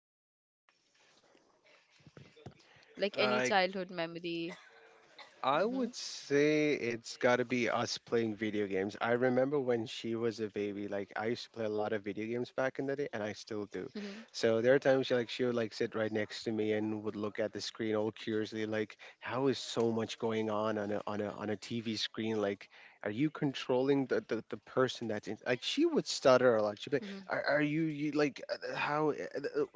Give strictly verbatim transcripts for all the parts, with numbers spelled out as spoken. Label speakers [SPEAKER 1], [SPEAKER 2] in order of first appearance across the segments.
[SPEAKER 1] sister? Like any
[SPEAKER 2] I
[SPEAKER 1] childhood memory?
[SPEAKER 2] I
[SPEAKER 1] Mm-hmm.
[SPEAKER 2] would say it's got to be us playing video games. I remember when she was a baby, like I used to play a lot of video games back in the day, and I still do.
[SPEAKER 1] Mm-hmm.
[SPEAKER 2] So there are times she like she would like sit right next to me and would look at the screen all curiously, like how is so much going on on a on a on a T V screen? Like, are you controlling the the, the person that's in? Like she would stutter a lot.
[SPEAKER 1] Mm-hmm.
[SPEAKER 2] She'd be like, "Are, are you you like uh, uh, how uh,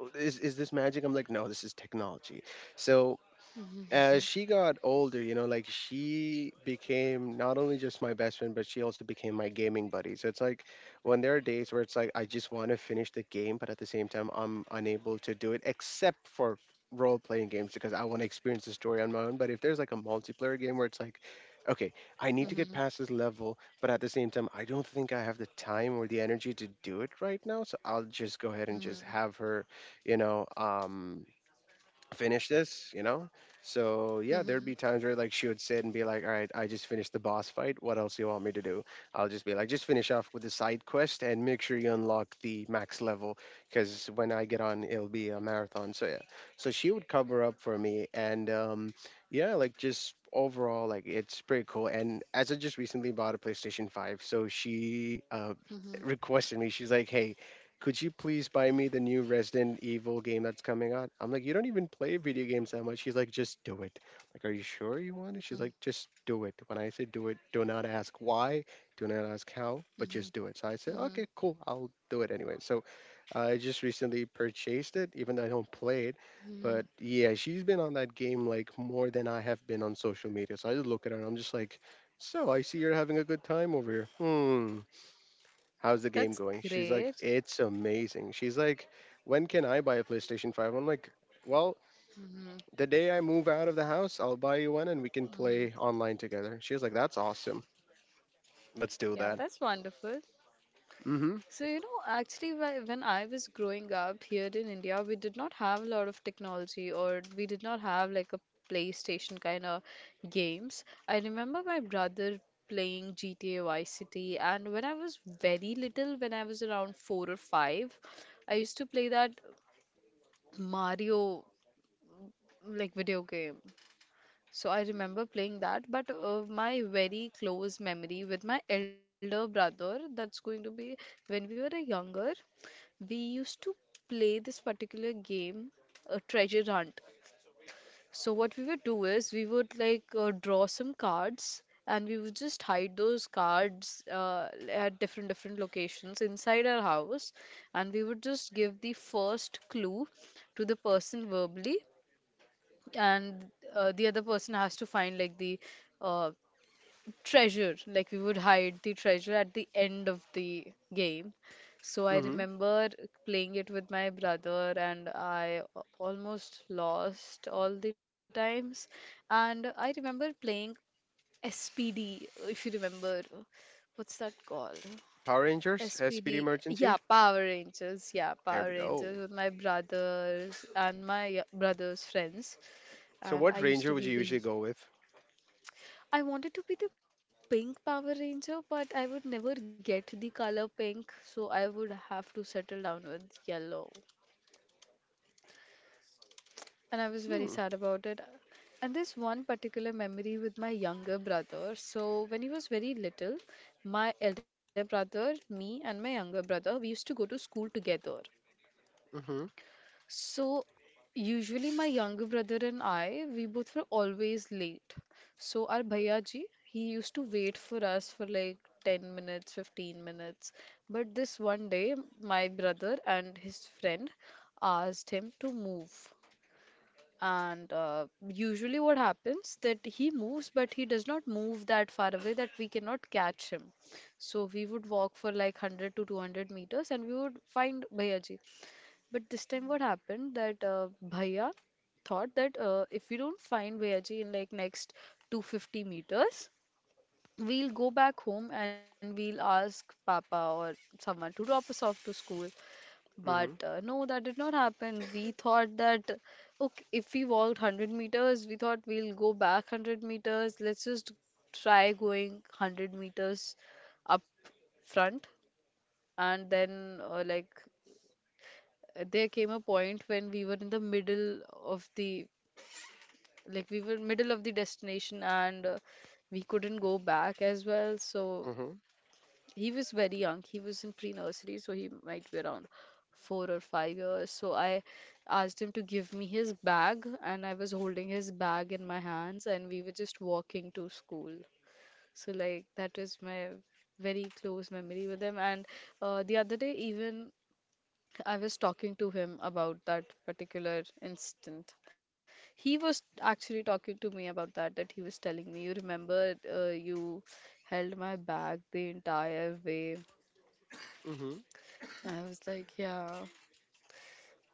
[SPEAKER 2] uh, is is this magic?" I'm like, "No, this is technology." So
[SPEAKER 1] Mm-hmm.
[SPEAKER 2] as she got older, you know, like she became not only just my best friend, but she also became my gaming buddy. So it's like when there are days where it's like I just want to finish the game, but at the same time I'm unable to do it except for role playing games because I want to experience the story on my own. But if there's like a multiplayer game where it's like, okay, I need to
[SPEAKER 1] Mm-hmm.
[SPEAKER 2] get
[SPEAKER 1] Mm-hmm.
[SPEAKER 2] past this level, but at the same time I don't think I have the time or the energy to do it right now. So I'll just go ahead and just have her, you know, um finish this, you know? So
[SPEAKER 1] Mm-hmm.
[SPEAKER 2] yeah,
[SPEAKER 1] Mm-hmm.
[SPEAKER 2] there'd
[SPEAKER 1] Mm-hmm.
[SPEAKER 2] be times where like she would sit and be like, "All right, I just finished the boss fight. What else do you want me to do?" I'll just be like, just finish off with the side quest and make sure you unlock the max level because when I get on it'll be a marathon. So yeah. So she would cover up for me, and um yeah, like just overall like it's pretty cool. And as I just recently bought a PlayStation five, so she uh
[SPEAKER 1] Mm-hmm.
[SPEAKER 2] requested me, she's like, "Hey, could you please buy me the new Resident Evil game that's coming out?" I'm like, "You don't even play video games that much." She's like, "Just do it." Like, "Are you sure you want it?" She's like, "Just do it. When I say do it, do not ask why, do not ask how, but
[SPEAKER 1] Mm-hmm.
[SPEAKER 2] just do it." So I said,
[SPEAKER 1] Mm-hmm.
[SPEAKER 2] okay, cool, I'll do it anyway. So uh, I just recently purchased it, even though I don't play it.
[SPEAKER 1] Mm-hmm.
[SPEAKER 2] But yeah, she's been on that game like more than I have been on social media. So I just look at her and I'm just like, so I see you're having a good time over here. Hmm, how's the game
[SPEAKER 1] That's
[SPEAKER 2] going? She's like,
[SPEAKER 1] great.
[SPEAKER 2] "It's amazing." She's like, "When can I buy a PlayStation five" I'm like, well,
[SPEAKER 1] Mm-hmm.
[SPEAKER 2] the day I move out of the house, I'll buy you one and we can play
[SPEAKER 1] Mm-hmm.
[SPEAKER 2] online together. She's like, "That's awesome. Let's do
[SPEAKER 1] Yeah,
[SPEAKER 2] that."
[SPEAKER 1] that's wonderful.
[SPEAKER 2] Mm hmm.
[SPEAKER 1] So, you know, actually, whe- when I was growing up here in India, we did not have a lot of technology or we did not have like a PlayStation kind of games. I remember my brother playing G T A Vice City, and when I was very little, when I was around four or five, I used to play that Mario like video game. So I remember playing that, but uh, my very close memory with my elder brother, that's going to be when we were younger, we used to play this particular game, a treasure hunt. So what we would do is we would like uh, draw some cards, and we would just hide those cards uh, at different different locations inside our house, and we would just give the first clue to the person verbally, and uh, the other person has to find like the uh, treasure. Like we would hide the treasure at the end of the game. So I
[SPEAKER 2] Mm hmm.
[SPEAKER 1] remember playing it with my brother, and I a- almost lost all the times. And I remember playing SPD. If you remember, what's that called?
[SPEAKER 2] Power Rangers, S P D
[SPEAKER 1] S P D, yeah,
[SPEAKER 2] Emergency.
[SPEAKER 1] Power Rangers, yeah,
[SPEAKER 2] There
[SPEAKER 1] Power
[SPEAKER 2] we go.
[SPEAKER 1] Rangers with my brothers and my y- brother's friends.
[SPEAKER 2] So,
[SPEAKER 1] And I
[SPEAKER 2] what
[SPEAKER 1] used
[SPEAKER 2] Ranger
[SPEAKER 1] to
[SPEAKER 2] would
[SPEAKER 1] be
[SPEAKER 2] you
[SPEAKER 1] the
[SPEAKER 2] usually go with?
[SPEAKER 1] I wanted to be the pink Power Ranger, but I would never get the color pink, so I would have to settle down with yellow. And I was very
[SPEAKER 2] Hmm.
[SPEAKER 1] sad about it. And this one particular memory with my younger brother. So when he was very little, my elder brother, me, and my younger brother, we used to go to school together.
[SPEAKER 2] Mm hmm.
[SPEAKER 1] So, usually my younger brother and I, we both were always late. So our bhayaji, he used to wait for us for like ten minutes, fifteen minutes. But this one day, my brother and his friend asked him to move. And uh, usually what happens that he moves, but he does not move that far away that we cannot catch him. So we would walk for like one hundred to two hundred meters, and we would find Bhayaji. But this time, what happened that uh, Bhaiya thought that uh, if we don't find Bhayaji in like next two hundred fifty meters, we'll go back home, and we'll ask Papa or someone to drop us off to school. But
[SPEAKER 2] Mm
[SPEAKER 1] uh, no, that did not happen. We thought that okay, if we walked one hundred meters, we thought we'll go back one hundred meters. Let's just try going one hundred meters up front, and then uh, like uh, there came a point when we were in the middle of the like we were middle of the destination, and uh, we couldn't go back as well. So
[SPEAKER 2] hmm. Mm hmm.
[SPEAKER 1] he was very young. He was in pre-nursery, so he might be around four or five years. So I asked him to give me his bag, and I was holding his bag in my hands, and we were just walking to school. So, like, that is my very close memory with him. And uh, the other day even, I was talking to him about that particular incident. He was actually talking to me about that, that he was telling me, you remember uh, you held my bag the entire way.
[SPEAKER 2] Mm hmm.
[SPEAKER 1] I was like, yeah.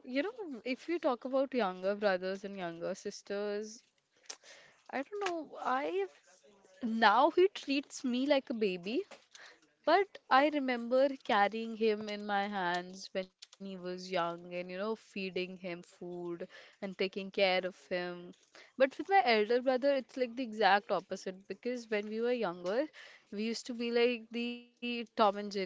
[SPEAKER 1] You know, if you talk about younger brothers and younger sisters, I don't know, I now he treats me like a baby. But I remember carrying him in my hands when he was young, and you know, feeding him food and taking care of him. But with my elder brother, it's like the exact opposite, because when we were younger, we used to be like the Tom and Jerry.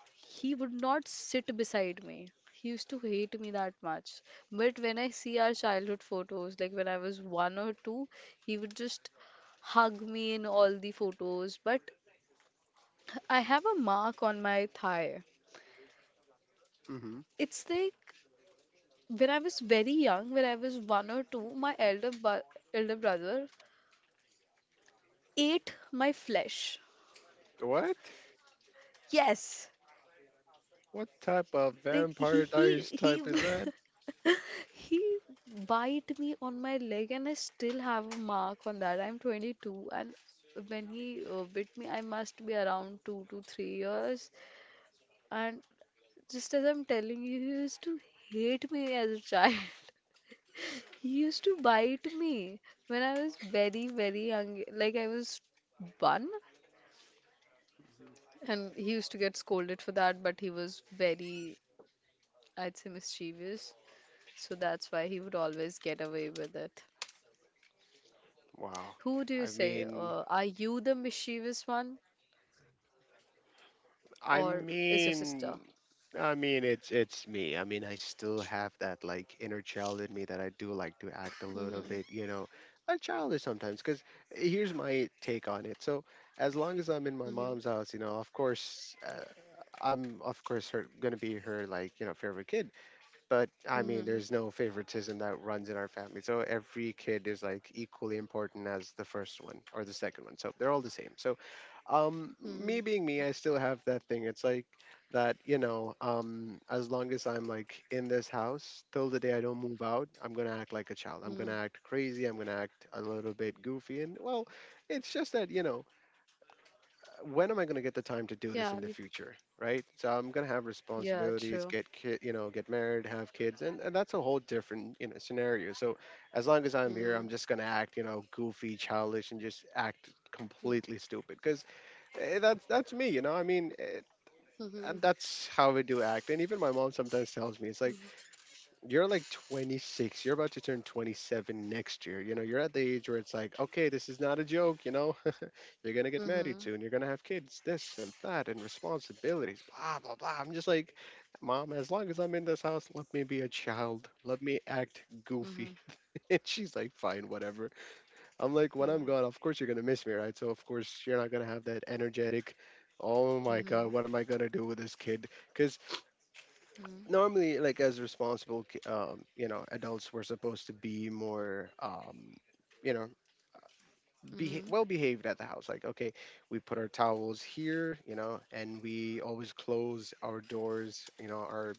[SPEAKER 1] He would not sit beside me. He used to hate me that much. But when I see our childhood photos, like when I was one or two, he would just hug me in all the photos. But I have a mark on my thigh.
[SPEAKER 2] Mm hmm.
[SPEAKER 1] It's like when I was very young, when I was one or two, my elder bu- elder brother ate my flesh.
[SPEAKER 2] What?
[SPEAKER 1] Yes,
[SPEAKER 2] What type of
[SPEAKER 1] like he
[SPEAKER 2] vampire
[SPEAKER 1] he
[SPEAKER 2] diaries
[SPEAKER 1] he
[SPEAKER 2] type is that?
[SPEAKER 1] he bite me on my leg, and I still have a mark on that. I'm twenty-two, and when he uh, bit me, I must be around two to three years. And just as I'm telling you, he used to hate me as a child. He used to bite me when I was very, very young. Like I was one, and he used to get scolded for that, but he was very, I'd say, mischievous. So that's why he would always get away with it.
[SPEAKER 2] Wow.
[SPEAKER 1] Who do you
[SPEAKER 2] I
[SPEAKER 1] say?
[SPEAKER 2] mean,
[SPEAKER 1] Uh, are you the mischievous one, or
[SPEAKER 2] I
[SPEAKER 1] is your sister?
[SPEAKER 2] mean, I mean, it's it's me. I mean, I still have that like inner child in me that I do like to act a little
[SPEAKER 1] Mm-hmm,
[SPEAKER 2] bit, you know, a childish sometimes. Because here's my take on it. So as long as I'm in my
[SPEAKER 1] mm-hmm,
[SPEAKER 2] mom's house, you know, of course, uh, I'm of course her gonna be her like you know favorite kid. But I mean,
[SPEAKER 1] mm-hmm,
[SPEAKER 2] there's no favoritism that runs in our family. So every kid is like equally important as the first one or the second one. So they're all the same. So um me
[SPEAKER 1] mm-hmm,
[SPEAKER 2] being me, I still have that thing. It's like that, you know, um as long as I'm like in this house, till the day I don't move out, I'm gonna act like a child, I'm
[SPEAKER 1] mm-hmm.
[SPEAKER 2] gonna act crazy, I'm gonna act a little bit goofy, and well, it's just that, you know, when am I gonna get the time to
[SPEAKER 1] Yeah,
[SPEAKER 2] do this
[SPEAKER 1] we,
[SPEAKER 2] in the future, right? So I'm gonna have
[SPEAKER 1] yeah,
[SPEAKER 2] responsibilities,
[SPEAKER 1] true.
[SPEAKER 2] get kid, you know, get married, have kids, and, and that's a whole different, you know, scenario. So as long as I'm here,
[SPEAKER 1] Mm-hmm,
[SPEAKER 2] I'm just gonna act, you know, goofy, childish, and just act completely stupid because Eh, that's that's me, you know. I mean, eh,
[SPEAKER 1] mm-hmm, mm-hmm,
[SPEAKER 2] and that's how we do act. And even my mom sometimes tells me, it's like, you're like twenty-six, you're about to turn twenty-seven next year, you know, you're at the age where it's like, okay, this is not a joke, you know, you're gonna get married
[SPEAKER 1] mm-hmm,
[SPEAKER 2] soon, you're gonna have kids, this and that and responsibilities, blah blah blah. I'm just like, mom, as long as I'm in this house, let me be a child, let me act
[SPEAKER 1] mm-hmm,
[SPEAKER 2] goofy. And she's like, "Fine, whatever." I'm like, when I'm gone,
[SPEAKER 1] mm-hmm,
[SPEAKER 2] of course you're gonna miss me, right? So of course you're not gonna have that energetic. Oh my God,
[SPEAKER 1] mm-hmm.
[SPEAKER 2] what am I gonna do with this kid? Because normally, like as responsible, ki- um, you know, adults were supposed to be more, um, you know, be
[SPEAKER 1] Mm-hmm.
[SPEAKER 2] well behaved at the house. Like, okay, we put our towels here, you know, and we always close our doors, you know, our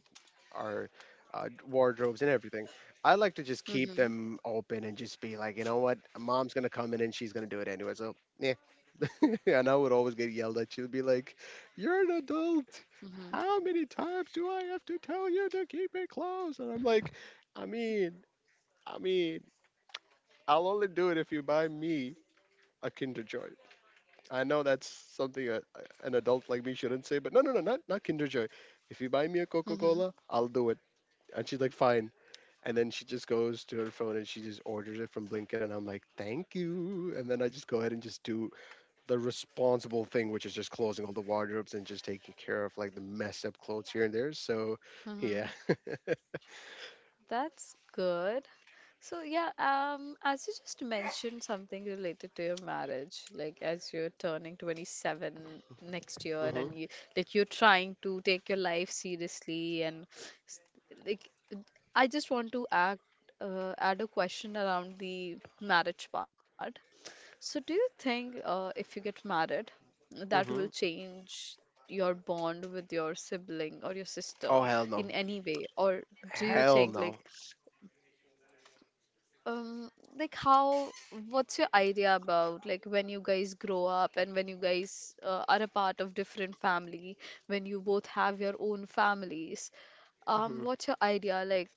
[SPEAKER 2] our uh, wardrobes and everything. I like to just keep
[SPEAKER 1] Mm-hmm.
[SPEAKER 2] them open and just be like, you know what, mom's gonna come in and she's gonna do it anyway. So yeah, and I would always get yelled at. She'll be like, "You're an adult.
[SPEAKER 1] Mm-hmm.
[SPEAKER 2] How many times do I have to tell you to keep it closed?" And I'm like, "I mean, I mean, I'll only do it if you buy me a Kinder Joy." I know that's something a, a- an adult like me shouldn't say, but no, no, no, not not Kinder Joy. If you buy me a Coca
[SPEAKER 1] Mm-hmm.
[SPEAKER 2] Cola, I'll do it. And she's like, "Fine." And then she just goes to her phone and she just orders it from Blinkit, and I'm like, thank you. And then I just go ahead and just do the responsible thing, which is just closing all the wardrobes and just taking care of like the messed up clothes here and there. So, yeah.
[SPEAKER 1] Mm-hmm. That's good. So yeah, um, as you just mentioned something related to your marriage, like as you're turning twenty-seven next year and you like you're trying to take your life seriously, and s- like I just want to act uh, add a question around the marriage part. So, do you think uh, if you get married, that
[SPEAKER 2] Hmm.
[SPEAKER 1] will
[SPEAKER 2] Hmm.
[SPEAKER 1] change your bond with your sibling or your sister
[SPEAKER 2] Oh hell
[SPEAKER 1] in
[SPEAKER 2] no,
[SPEAKER 1] any way? Or do you think
[SPEAKER 2] hell
[SPEAKER 1] like
[SPEAKER 2] no.
[SPEAKER 1] um, like how, what's your idea about like when you guys grow up and when you guys uh, are a part of different family, when you both have your own families? Um, what's your idea? Like,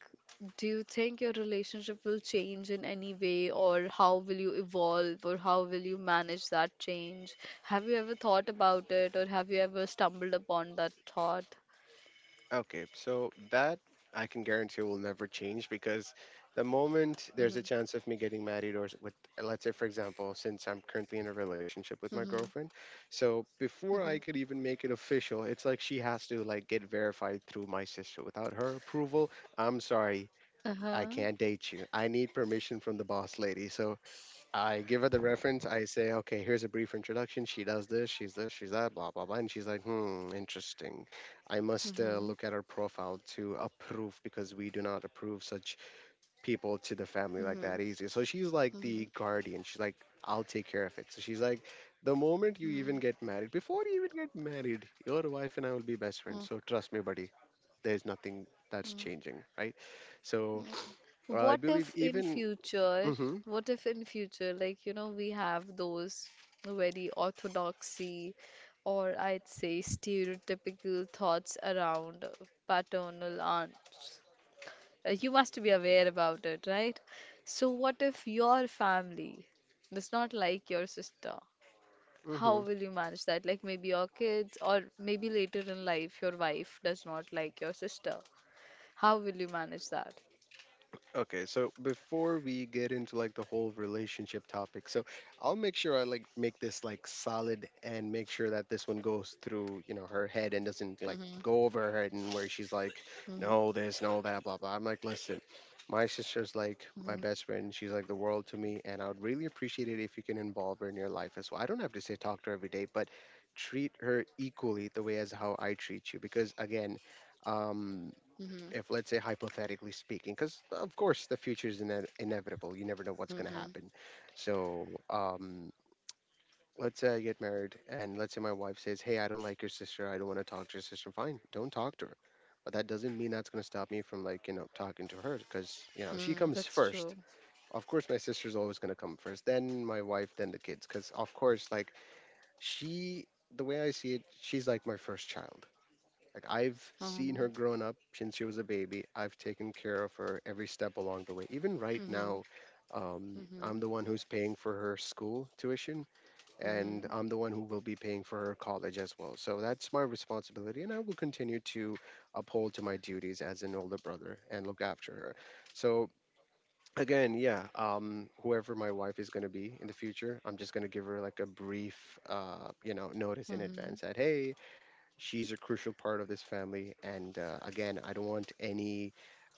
[SPEAKER 1] do you think your relationship will change in any way, or how will you evolve, or how will you manage that change? Have you ever thought about it, or have you ever stumbled upon that thought?
[SPEAKER 2] Okay, so that I can guarantee will never change because the moment
[SPEAKER 1] Mm-hmm.
[SPEAKER 2] there's a chance of me getting married, or s- with, let's say, for example, since I'm currently in a relationship
[SPEAKER 1] Mm-hmm.
[SPEAKER 2] with my girlfriend, so
[SPEAKER 1] Mm-hmm.
[SPEAKER 2] before I could even make it official, it's like she has to like get verified through my sister. Without her approval, I'm sorry, I
[SPEAKER 1] Uh-huh.
[SPEAKER 2] can't date you. I need permission from the boss lady. So I give her the reference. I say, okay, here's a brief introduction. She does this, she's this, she's that, blah, blah, blah. And she's like, hmm, interesting. I must uh,
[SPEAKER 1] Mm-hmm.
[SPEAKER 2] look at her profile to approve because we do not approve such people to the family like
[SPEAKER 1] Mm-hmm.
[SPEAKER 2] that easy. So she's like
[SPEAKER 1] Mm-hmm.
[SPEAKER 2] the guardian. She's like, I'll take care of it. So she's like, the moment you even get married, before you even get married, your wife and I will be best
[SPEAKER 1] Mm,
[SPEAKER 2] friends. So trust me, buddy, there's nothing that's
[SPEAKER 1] mm.
[SPEAKER 2] changing, right? So uh, I
[SPEAKER 1] What
[SPEAKER 2] believe
[SPEAKER 1] if in
[SPEAKER 2] even.
[SPEAKER 1] future,
[SPEAKER 2] Hmm.
[SPEAKER 1] what if in future, like, you know, we have those very orthodoxy or I'd say stereotypical thoughts around paternal aunts? Uh, You must be aware about it, right? So what if your family does not like your sister? How
[SPEAKER 2] Hmm.
[SPEAKER 1] will you manage that? Like maybe your kids or maybe later in life your wife does not like your sister. How will you manage that?
[SPEAKER 2] Okay, so before we get into like the whole relationship topic, so I'll make sure I like make this like solid and make sure that this one goes through, you know, her head and doesn't like go over her head and where she's like,
[SPEAKER 1] Mm-hmm.
[SPEAKER 2] no, this, no, that, blah, blah. I'm like, listen, my sister's like
[SPEAKER 1] Mhm.
[SPEAKER 2] my best friend. She's like the world to me, and I would really appreciate it if you can involve her in your life as well. I don't have to say talk to her every day, but treat her equally the way as how I treat you because again, um
[SPEAKER 1] Mhm.
[SPEAKER 2] if let's say hypothetically speaking, because of course the future is ine- inevitable, you never know what's going to
[SPEAKER 1] Mhm.
[SPEAKER 2] happen. So um let's say I get married and let's say my wife says, hey, I don't like your sister, I don't want to talk to your sister. Fine, don't talk to her. But that doesn't mean that's going to stop me from like, you know, talking to her because, you know, she
[SPEAKER 1] Mm,
[SPEAKER 2] comes
[SPEAKER 1] that's
[SPEAKER 2] first.
[SPEAKER 1] true.
[SPEAKER 2] Of course my sister's always going to come first, then my wife, then the kids, because of course like she, the way I see it, she's like my first child. Like I've seen her
[SPEAKER 1] Um,
[SPEAKER 2] growing up since she was a baby. I've taken care of her every step along the way. Even right
[SPEAKER 1] mhm.
[SPEAKER 2] now, um, I'm
[SPEAKER 1] Mhm.
[SPEAKER 2] the one who's paying for her school tuition, and
[SPEAKER 1] Mhm.
[SPEAKER 2] I'm the one who will be paying for her college as well. So that's my responsibility, and I will continue to uphold to my duties as an older brother and look after her. So again, yeah, um, whoever my wife is going to be in the future, I'm just going to give her like a brief, uh, you know, notice in
[SPEAKER 1] Mhm.
[SPEAKER 2] advance that hey, she's a crucial part of this family, and uh, again, I don't want any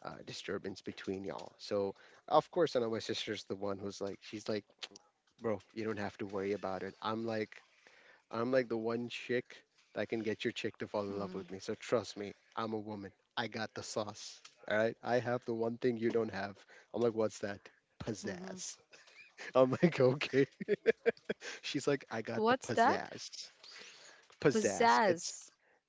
[SPEAKER 2] uh, disturbance between y'all. So, of course, I know my sister's the one who's like, she's like, bro, you don't have to worry about it. I'm like, I'm like the one chick that can get your chick to fall in love with
[SPEAKER 1] Mhm.
[SPEAKER 2] me. So trust me, I'm a woman. I got the sauce. All right, I have the one thing you don't have. I'm like, what's that?
[SPEAKER 1] Mhm.
[SPEAKER 2] Pizzazz. I'm like, okay. She's like, I got the
[SPEAKER 1] What's that?
[SPEAKER 2] pizzazz. Pizzazz.
[SPEAKER 1] Pizzazz.
[SPEAKER 2] It's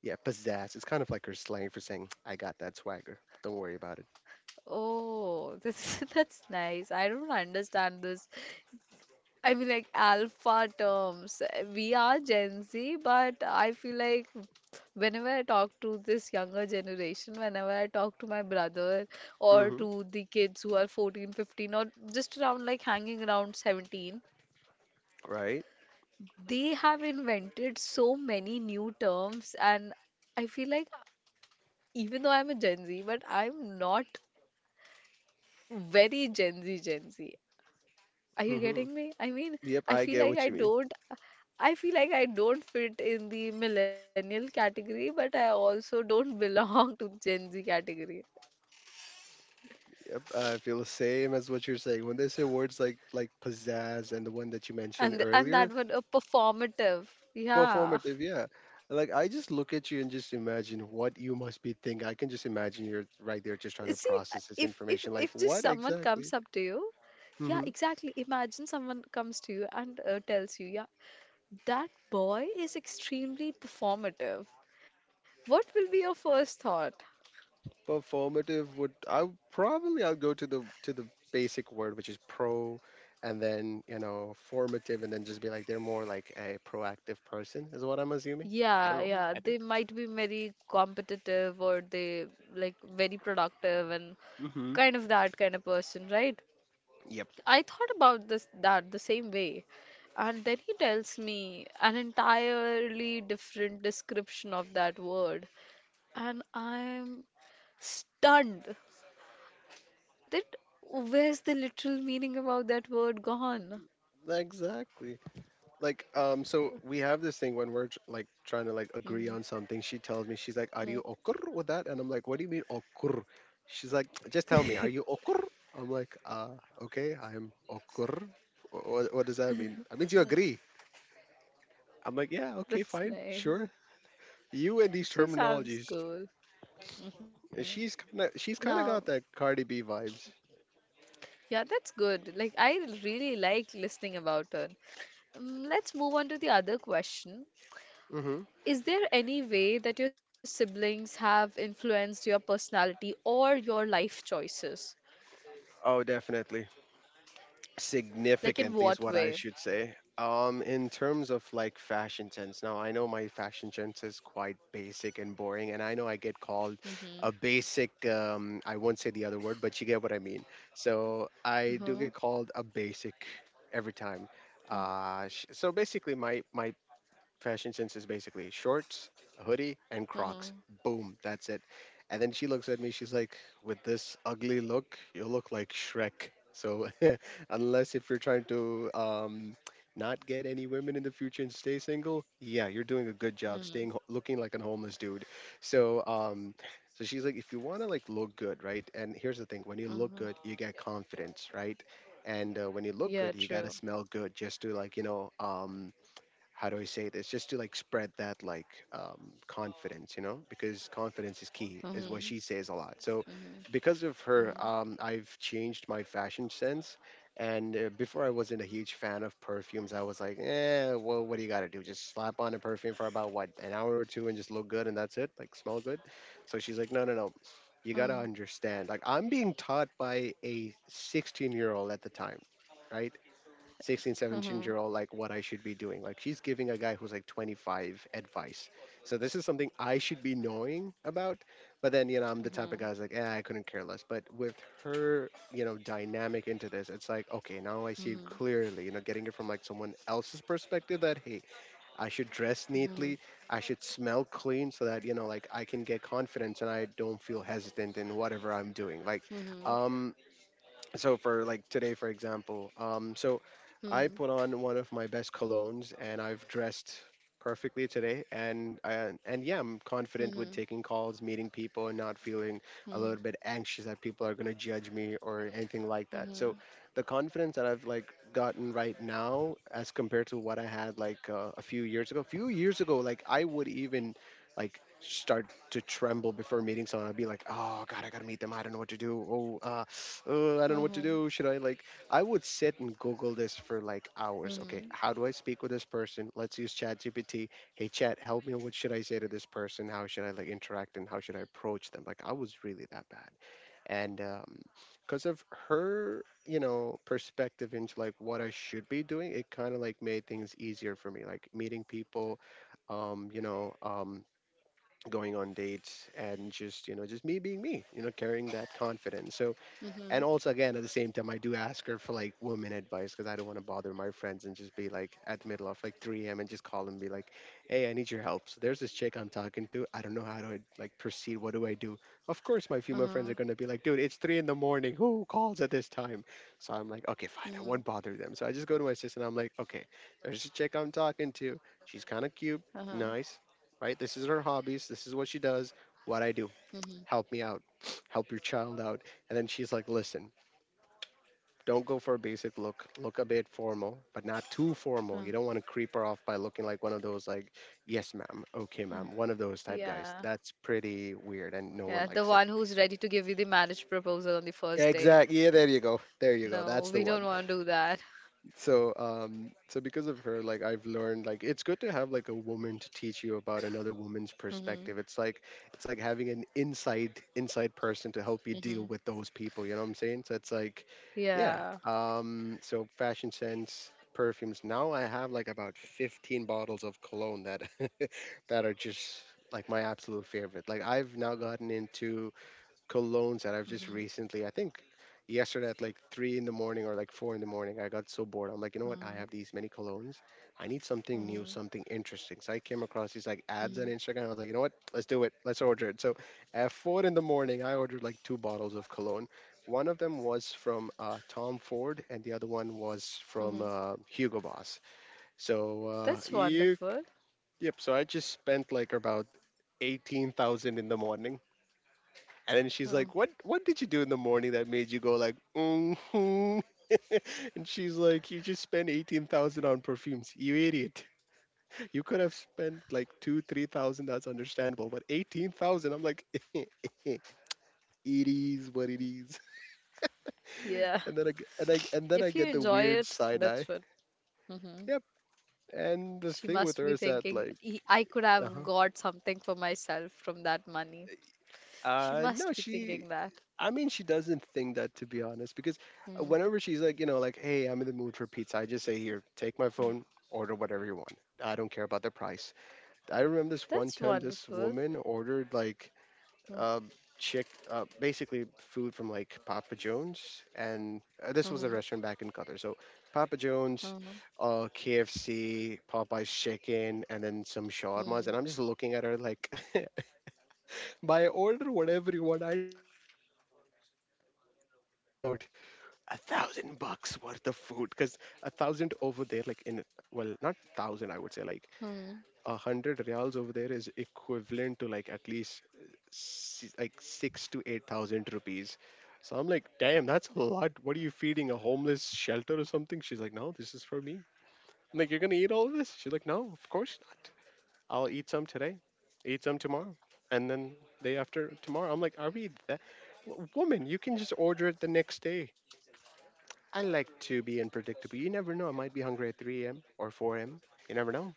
[SPEAKER 2] Yeah, pizzazz. It's kind of like her slang for saying, I got that swagger. Don't worry about it.
[SPEAKER 1] Oh, this that's nice. I don't understand this. I mean, like alpha terms. We are Gen Z, but I feel like whenever I talk to this younger generation, whenever I talk to my brother or
[SPEAKER 2] hmm
[SPEAKER 1] to the kids who are fourteen, fifteen, or just around like hanging around seventeen,
[SPEAKER 2] Right?
[SPEAKER 1] they have invented so many new terms. And I feel like even though I'm a Gen Z, but I'm not very Gen Z Gen Z. Are you
[SPEAKER 2] hmm
[SPEAKER 1] getting me? I mean,
[SPEAKER 2] Yep,
[SPEAKER 1] i
[SPEAKER 2] I
[SPEAKER 1] feel
[SPEAKER 2] get
[SPEAKER 1] like
[SPEAKER 2] what
[SPEAKER 1] i
[SPEAKER 2] you mean.
[SPEAKER 1] don't I feel like I don't fit in the millennial category, but I also don't belong to Gen Z category.
[SPEAKER 2] Yep, I feel the same as what you're saying. When they say words like like pizzazz and the one that you mentioned
[SPEAKER 1] And and that
[SPEAKER 2] earlier,
[SPEAKER 1] one, a performative, yeah.
[SPEAKER 2] performative, yeah. Like I just look at you and just imagine what you must be thinking. I can just imagine you're right there just trying to
[SPEAKER 1] See,
[SPEAKER 2] process this
[SPEAKER 1] if if
[SPEAKER 2] information. Like
[SPEAKER 1] if just
[SPEAKER 2] what
[SPEAKER 1] someone
[SPEAKER 2] exactly?
[SPEAKER 1] comes up to you, yeah, exactly. Imagine someone comes to you, and uh, tells you, yeah, that boy is extremely performative. What will be your first thought?
[SPEAKER 2] Performative, would I would- probably I'll go to the to the basic word, which is pro, and then you know formative, and then just be like they're more like a proactive person is what I'm assuming. I
[SPEAKER 1] Yeah,
[SPEAKER 2] don't know.
[SPEAKER 1] yeah,
[SPEAKER 2] I think.
[SPEAKER 1] they might be very competitive, or they like very productive and
[SPEAKER 2] Mm-hmm.
[SPEAKER 1] kind of that kind of person, right?
[SPEAKER 2] Yep.
[SPEAKER 1] I thought about this that the same way. And then he tells me an entirely different description of that word. And I'm stunned that where's the literal meaning about that word gone?
[SPEAKER 2] Exactly. Like um so we have this thing when we're tr- like trying to like agree on something. She tells me, she's like, are
[SPEAKER 1] Mhm.
[SPEAKER 2] you okur with that? And I'm like, what do you mean okur? She's like, just tell me, are you okur? I'm like uh okay, I'm okur. What, what does that mean? That means you agree. I'm like, yeah, okay,
[SPEAKER 1] That's
[SPEAKER 2] fine, sure.
[SPEAKER 1] nice.
[SPEAKER 2] You and these
[SPEAKER 1] She sounds
[SPEAKER 2] terminologies.
[SPEAKER 1] cool. Hmm.
[SPEAKER 2] And she's kind of, she's
[SPEAKER 1] Now,
[SPEAKER 2] kind of got that Cardi B vibes.
[SPEAKER 1] yeah, that's good. Like, I really like listening about her. Um, let's move on to the other question.
[SPEAKER 2] hmm
[SPEAKER 1] Is there any way that your siblings have influenced your personality or your life choices?
[SPEAKER 2] Oh, definitely.
[SPEAKER 1] Like, in
[SPEAKER 2] Significantly is
[SPEAKER 1] what
[SPEAKER 2] what I
[SPEAKER 1] way?
[SPEAKER 2] should say. Um, in terms of like fashion sense. Now, I know my fashion sense is quite basic and boring, and I know I get called
[SPEAKER 1] Mm-hmm.
[SPEAKER 2] a basic. Um, I won't say the other word, but you get what I mean. So I do
[SPEAKER 1] Mm-hmm.
[SPEAKER 2] get called a basic every time. Uh, sh- so basically, my my fashion sense is basically shorts, a hoodie, and Crocs.
[SPEAKER 1] Mm-hmm.
[SPEAKER 2] Boom, that's it. And then she looks at me, she's like, with this ugly look, you look like Shrek. So, unless if you're trying to um, not get any women in the future and stay single, yeah, you're doing a good job
[SPEAKER 1] Mm-hmm.
[SPEAKER 2] staying ho- looking like a homeless dude. So, um, so she's like, if you want to like look good, right? And here's the thing: when you look good,
[SPEAKER 1] Mm-hmm.
[SPEAKER 2] you get confidence, right? And uh, when you look
[SPEAKER 1] Yeah,
[SPEAKER 2] good, you gotta
[SPEAKER 1] true.
[SPEAKER 2] smell good just to like you know um, how do I say this? Just to like spread that like um, confidence, you know, because confidence is key, is what
[SPEAKER 1] Mm-hmm.
[SPEAKER 2] she says a lot. So,
[SPEAKER 1] Mm-hmm.
[SPEAKER 2] because of her,
[SPEAKER 1] Mm-hmm.
[SPEAKER 2] um, I've changed my fashion sense. And uh, before I wasn't a huge fan of perfumes, I was like, eh, well, what do you got to do? Just slap on a perfume for about what, an hour or two, and just look good, and that's it, like smell good. So she's like, no, no, no. You got to
[SPEAKER 1] Mm-hmm.
[SPEAKER 2] understand. Like, I'm being taught by a sixteen year old at the time, right? Sixteen, seventeen, 17
[SPEAKER 1] Mm-hmm.
[SPEAKER 2] year old, like what I should be doing. Like she's giving a guy who's like twenty-five advice, so this is something I should be knowing about. But then you know I'm the
[SPEAKER 1] Mm-hmm.
[SPEAKER 2] type of guy who's like, eh, I couldn't care less. But with her, you know, dynamic into this, it's like okay, now I see it
[SPEAKER 1] Mm-hmm.
[SPEAKER 2] clearly, you know, getting it from like someone else's perspective that hey, I should dress
[SPEAKER 1] Mm-hmm.
[SPEAKER 2] neatly, I should smell clean, so that you know, like I can get confidence and I don't feel hesitant in whatever I'm doing. Like
[SPEAKER 1] Mhm.
[SPEAKER 2] um so for like today, for example, um so I put
[SPEAKER 1] Mhm.
[SPEAKER 2] on one of my best colognes, and I've dressed perfectly today, and I, and yeah, I'm confident with
[SPEAKER 1] Mhm.
[SPEAKER 2] taking calls, meeting people, and not feeling a little
[SPEAKER 1] Mhm.
[SPEAKER 2] bit anxious that people are going to judge me or anything like that. So
[SPEAKER 1] Mhm.
[SPEAKER 2] the confidence that I've like gotten right now as compared to what I had like uh, a few years ago a few years ago, like I would even like start to tremble before meeting someone. I'd be like, oh God, I gotta meet them. I don't know what to do. Oh, uh, uh, I don't know what to
[SPEAKER 1] Mhm.
[SPEAKER 2] do. Should I like? I would sit and Google this for like hours. Okay,
[SPEAKER 1] Mhm.
[SPEAKER 2] how do I speak with this person? Let's use ChatGPT. Hey, Chat, help me. What should I say to this person? How should I like interact, and how should I approach them? Like, I was really that bad, and um, because of her, you know, perspective into like what I should be doing, it kind of like made things easier for me, like meeting people, um, you know, um, going on dates and just you know just me being me, you know, carrying that confidence. So
[SPEAKER 1] Mhm.
[SPEAKER 2] and also again at the same time I do ask her for like women advice, because I don't want to bother my friends and just be like at the middle of like three a m and just call and be like, hey, I need your help. So there's this chick I'm talking to, I don't know how to like proceed, what do I do? Of course my female friends are
[SPEAKER 1] Uh-huh.
[SPEAKER 2] going to be like, dude, it's three in the morning, who calls at this time? So I'm like, okay fine, I
[SPEAKER 1] Mhm.
[SPEAKER 2] won't bother them. So I just go to my sister and I'm like, okay, there's this chick I'm talking to, she's kind of cute,
[SPEAKER 1] Uh-huh.
[SPEAKER 2] nice, right, this is her hobbies, this is what she does, what I do,
[SPEAKER 1] Mhm.
[SPEAKER 2] help me out, help your child out. And then she's like, listen, don't go for a basic look. Look a bit formal, but not too
[SPEAKER 1] Uh,
[SPEAKER 2] formal. You don't want to creep her off by looking like one of those like, yes ma'am, okay
[SPEAKER 1] uh.
[SPEAKER 2] ma'am, one of those type guys.
[SPEAKER 1] Yeah.
[SPEAKER 2] That's pretty weird,
[SPEAKER 1] Yeah,
[SPEAKER 2] and no
[SPEAKER 1] the
[SPEAKER 2] one
[SPEAKER 1] one
[SPEAKER 2] likes it.
[SPEAKER 1] who's ready to give you the marriage proposal on the first date.
[SPEAKER 2] Exact. Yeah, there you go. There you go.
[SPEAKER 1] No,
[SPEAKER 2] That's the
[SPEAKER 1] we don't
[SPEAKER 2] one.
[SPEAKER 1] want to do that.
[SPEAKER 2] So um so because of her like I've learned like it's good to have like a woman to teach you about another woman's
[SPEAKER 1] Mhm.
[SPEAKER 2] perspective. It's like, it's like having an inside inside person to help you deal
[SPEAKER 1] Mhm.
[SPEAKER 2] with those people, you know what I'm saying. So it's like, yeah,
[SPEAKER 1] Yeah.
[SPEAKER 2] um so fashion sense, perfumes, now I have like about fifteen bottles of cologne that that are just like my absolute favorite. Like I've now gotten into colognes that I've just
[SPEAKER 1] Mhm.
[SPEAKER 2] recently, I think yesterday at like three in the morning or like four in the morning, I got so bored. I'm like, you know what? I
[SPEAKER 1] Mhm.
[SPEAKER 2] have these many colognes. I need something new,
[SPEAKER 1] Mhm.
[SPEAKER 2] something interesting. So I came across these like ads on
[SPEAKER 1] Mhm.
[SPEAKER 2] Instagram. I was like, you know what? Let's do it. Let's order it. So at four in the morning, I ordered like two bottles of cologne. One of them was from uh, Tom Ford, and the other one was
[SPEAKER 1] Mhm.
[SPEAKER 2] from uh, Hugo Boss. So
[SPEAKER 1] That's
[SPEAKER 2] uh, you,
[SPEAKER 1] wonderful.
[SPEAKER 2] yep. So I just spent like about eighteen thousand in the morning. And then she's
[SPEAKER 1] Oh,
[SPEAKER 2] like, "What? What did you do in the morning that made you go like, mm-hmm?" And she's like, "You just spent eighteen thousand on perfumes, you idiot. You could have spent like two, three thousand. That's understandable, but eighteen thousand. I'm like, it is what it is."
[SPEAKER 1] yeah.
[SPEAKER 2] And then I g- and I and then
[SPEAKER 1] If
[SPEAKER 2] I
[SPEAKER 1] you
[SPEAKER 2] get the
[SPEAKER 1] enjoy
[SPEAKER 2] weird
[SPEAKER 1] it,
[SPEAKER 2] side
[SPEAKER 1] that's
[SPEAKER 2] eye.
[SPEAKER 1] what it.
[SPEAKER 2] Yep. And the
[SPEAKER 1] She
[SPEAKER 2] thing with
[SPEAKER 1] must
[SPEAKER 2] her
[SPEAKER 1] be
[SPEAKER 2] is that
[SPEAKER 1] thinking,
[SPEAKER 2] like,
[SPEAKER 1] "He- I could
[SPEAKER 2] uh
[SPEAKER 1] have
[SPEAKER 2] huh.
[SPEAKER 1] got something for myself from that money." She
[SPEAKER 2] Uh no,
[SPEAKER 1] must be
[SPEAKER 2] she,
[SPEAKER 1] thinking that.
[SPEAKER 2] I mean, she doesn't think that, to be honest, because uh,
[SPEAKER 1] Mm,
[SPEAKER 2] whenever she's like, you know, like, hey, I'm in the mood for pizza, I just say, here, take my
[SPEAKER 1] mm.
[SPEAKER 2] phone, order whatever you want. I don't care about the price. I remember this one
[SPEAKER 1] That's
[SPEAKER 2] time, this
[SPEAKER 1] wonderful.
[SPEAKER 2] woman ordered like
[SPEAKER 1] Mm,
[SPEAKER 2] um, chick, uh, basically food from like Papa John's, and uh, this was a
[SPEAKER 1] mhm,
[SPEAKER 2] restaurant back in Qatar. So Papa John's,
[SPEAKER 1] mhm,
[SPEAKER 2] uh, K F C, Popeye's chicken, and then some shawarmas.
[SPEAKER 1] mm,
[SPEAKER 2] And I'm just looking at her like, by order whatever you want, I didn't mean order like about a thousand bucks worth of food, because a thousand over there like in, well not thousand, I would say like
[SPEAKER 1] mm, mhm,
[SPEAKER 2] a hundred reals over there is equivalent to like at least uh, si- like six to eight thousand rupees. So I'm like, damn, that's a lot. What are you feeding, a homeless shelter or something? She's like, no, this is for me. I'm like, you're gonna eat all this? She's like, no, of course not. I'll eat some today, eat some tomorrow, and then day after tomorrow. I'm like, are we that, woman you can just order it the next day. I like to be unpredictable. You never know. I might be hungry at three a m or four a m. You never know.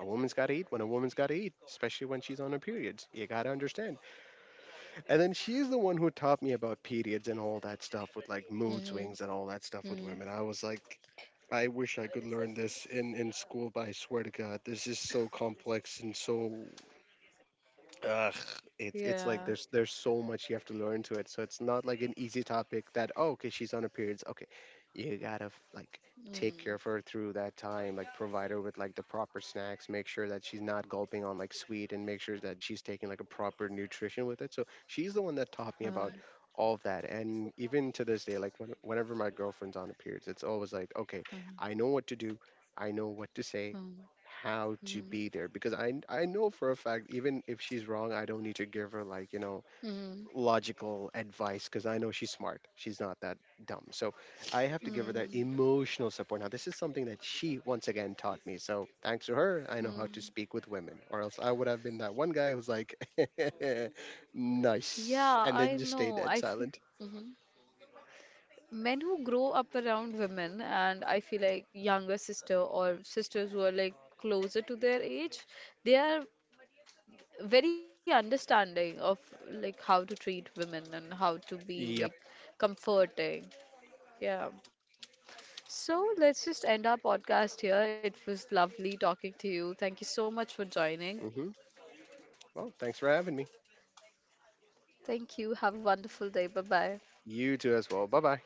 [SPEAKER 2] A woman's got to eat when a woman's got to eat, especially when she's on her periods. You got to understand. And then she's the one who taught me about periods and all that stuff with like mood swings and all that stuff with
[SPEAKER 1] mm.
[SPEAKER 2] women. I was like, I wish I could learn this in, in school, but I swear to God, this is so complex and so ugh, it's
[SPEAKER 1] Yeah.
[SPEAKER 2] it's like there's there's so much you have to learn to it. So it's not like an easy topic that oh okay, she's on her periods. Okay, you gotta f- like take
[SPEAKER 1] Mm,
[SPEAKER 2] care of her through that time, like provide her with like the proper snacks, make sure that she's not gulping on like sweet, and make sure that she's taking like a proper nutrition with it. So she's the one that taught me
[SPEAKER 1] mm,
[SPEAKER 2] about all of that. And even to this day, like when, whenever my girlfriend's on her periods, it's always like okay,
[SPEAKER 1] mm,
[SPEAKER 2] I know what to do, I know what to say,
[SPEAKER 1] mm,
[SPEAKER 2] how to be there, because I I know for a fact even if she's wrong, I don't need to give her like, you know,
[SPEAKER 1] mm,
[SPEAKER 2] logical advice, because I know she's smart. She's not that dumb. So I have
[SPEAKER 1] mm,
[SPEAKER 2] to give her that
[SPEAKER 1] mm,
[SPEAKER 2] emotional support. Now, this is something that she once again taught me. So thanks to her, I know how to
[SPEAKER 1] mm.
[SPEAKER 2] speak with women, or else I would have been that one guy who's like nice
[SPEAKER 1] Yeah,
[SPEAKER 2] and then
[SPEAKER 1] I
[SPEAKER 2] just stay
[SPEAKER 1] know.
[SPEAKER 2] dead
[SPEAKER 1] I feel.
[SPEAKER 2] silent.
[SPEAKER 1] hmm. Men who grow up around women, and I feel like younger sister or sisters who are like closer to their age, they are very understanding of like how to treat women and how to be
[SPEAKER 2] Yep.
[SPEAKER 1] like comforting, yeah. So let's just end our podcast here. It was lovely talking to you. Thank you so much for joining.
[SPEAKER 2] hmm Well, thanks for having me.
[SPEAKER 1] Thank you. Have a wonderful day. Bye bye
[SPEAKER 2] You too as well. Bye-bye.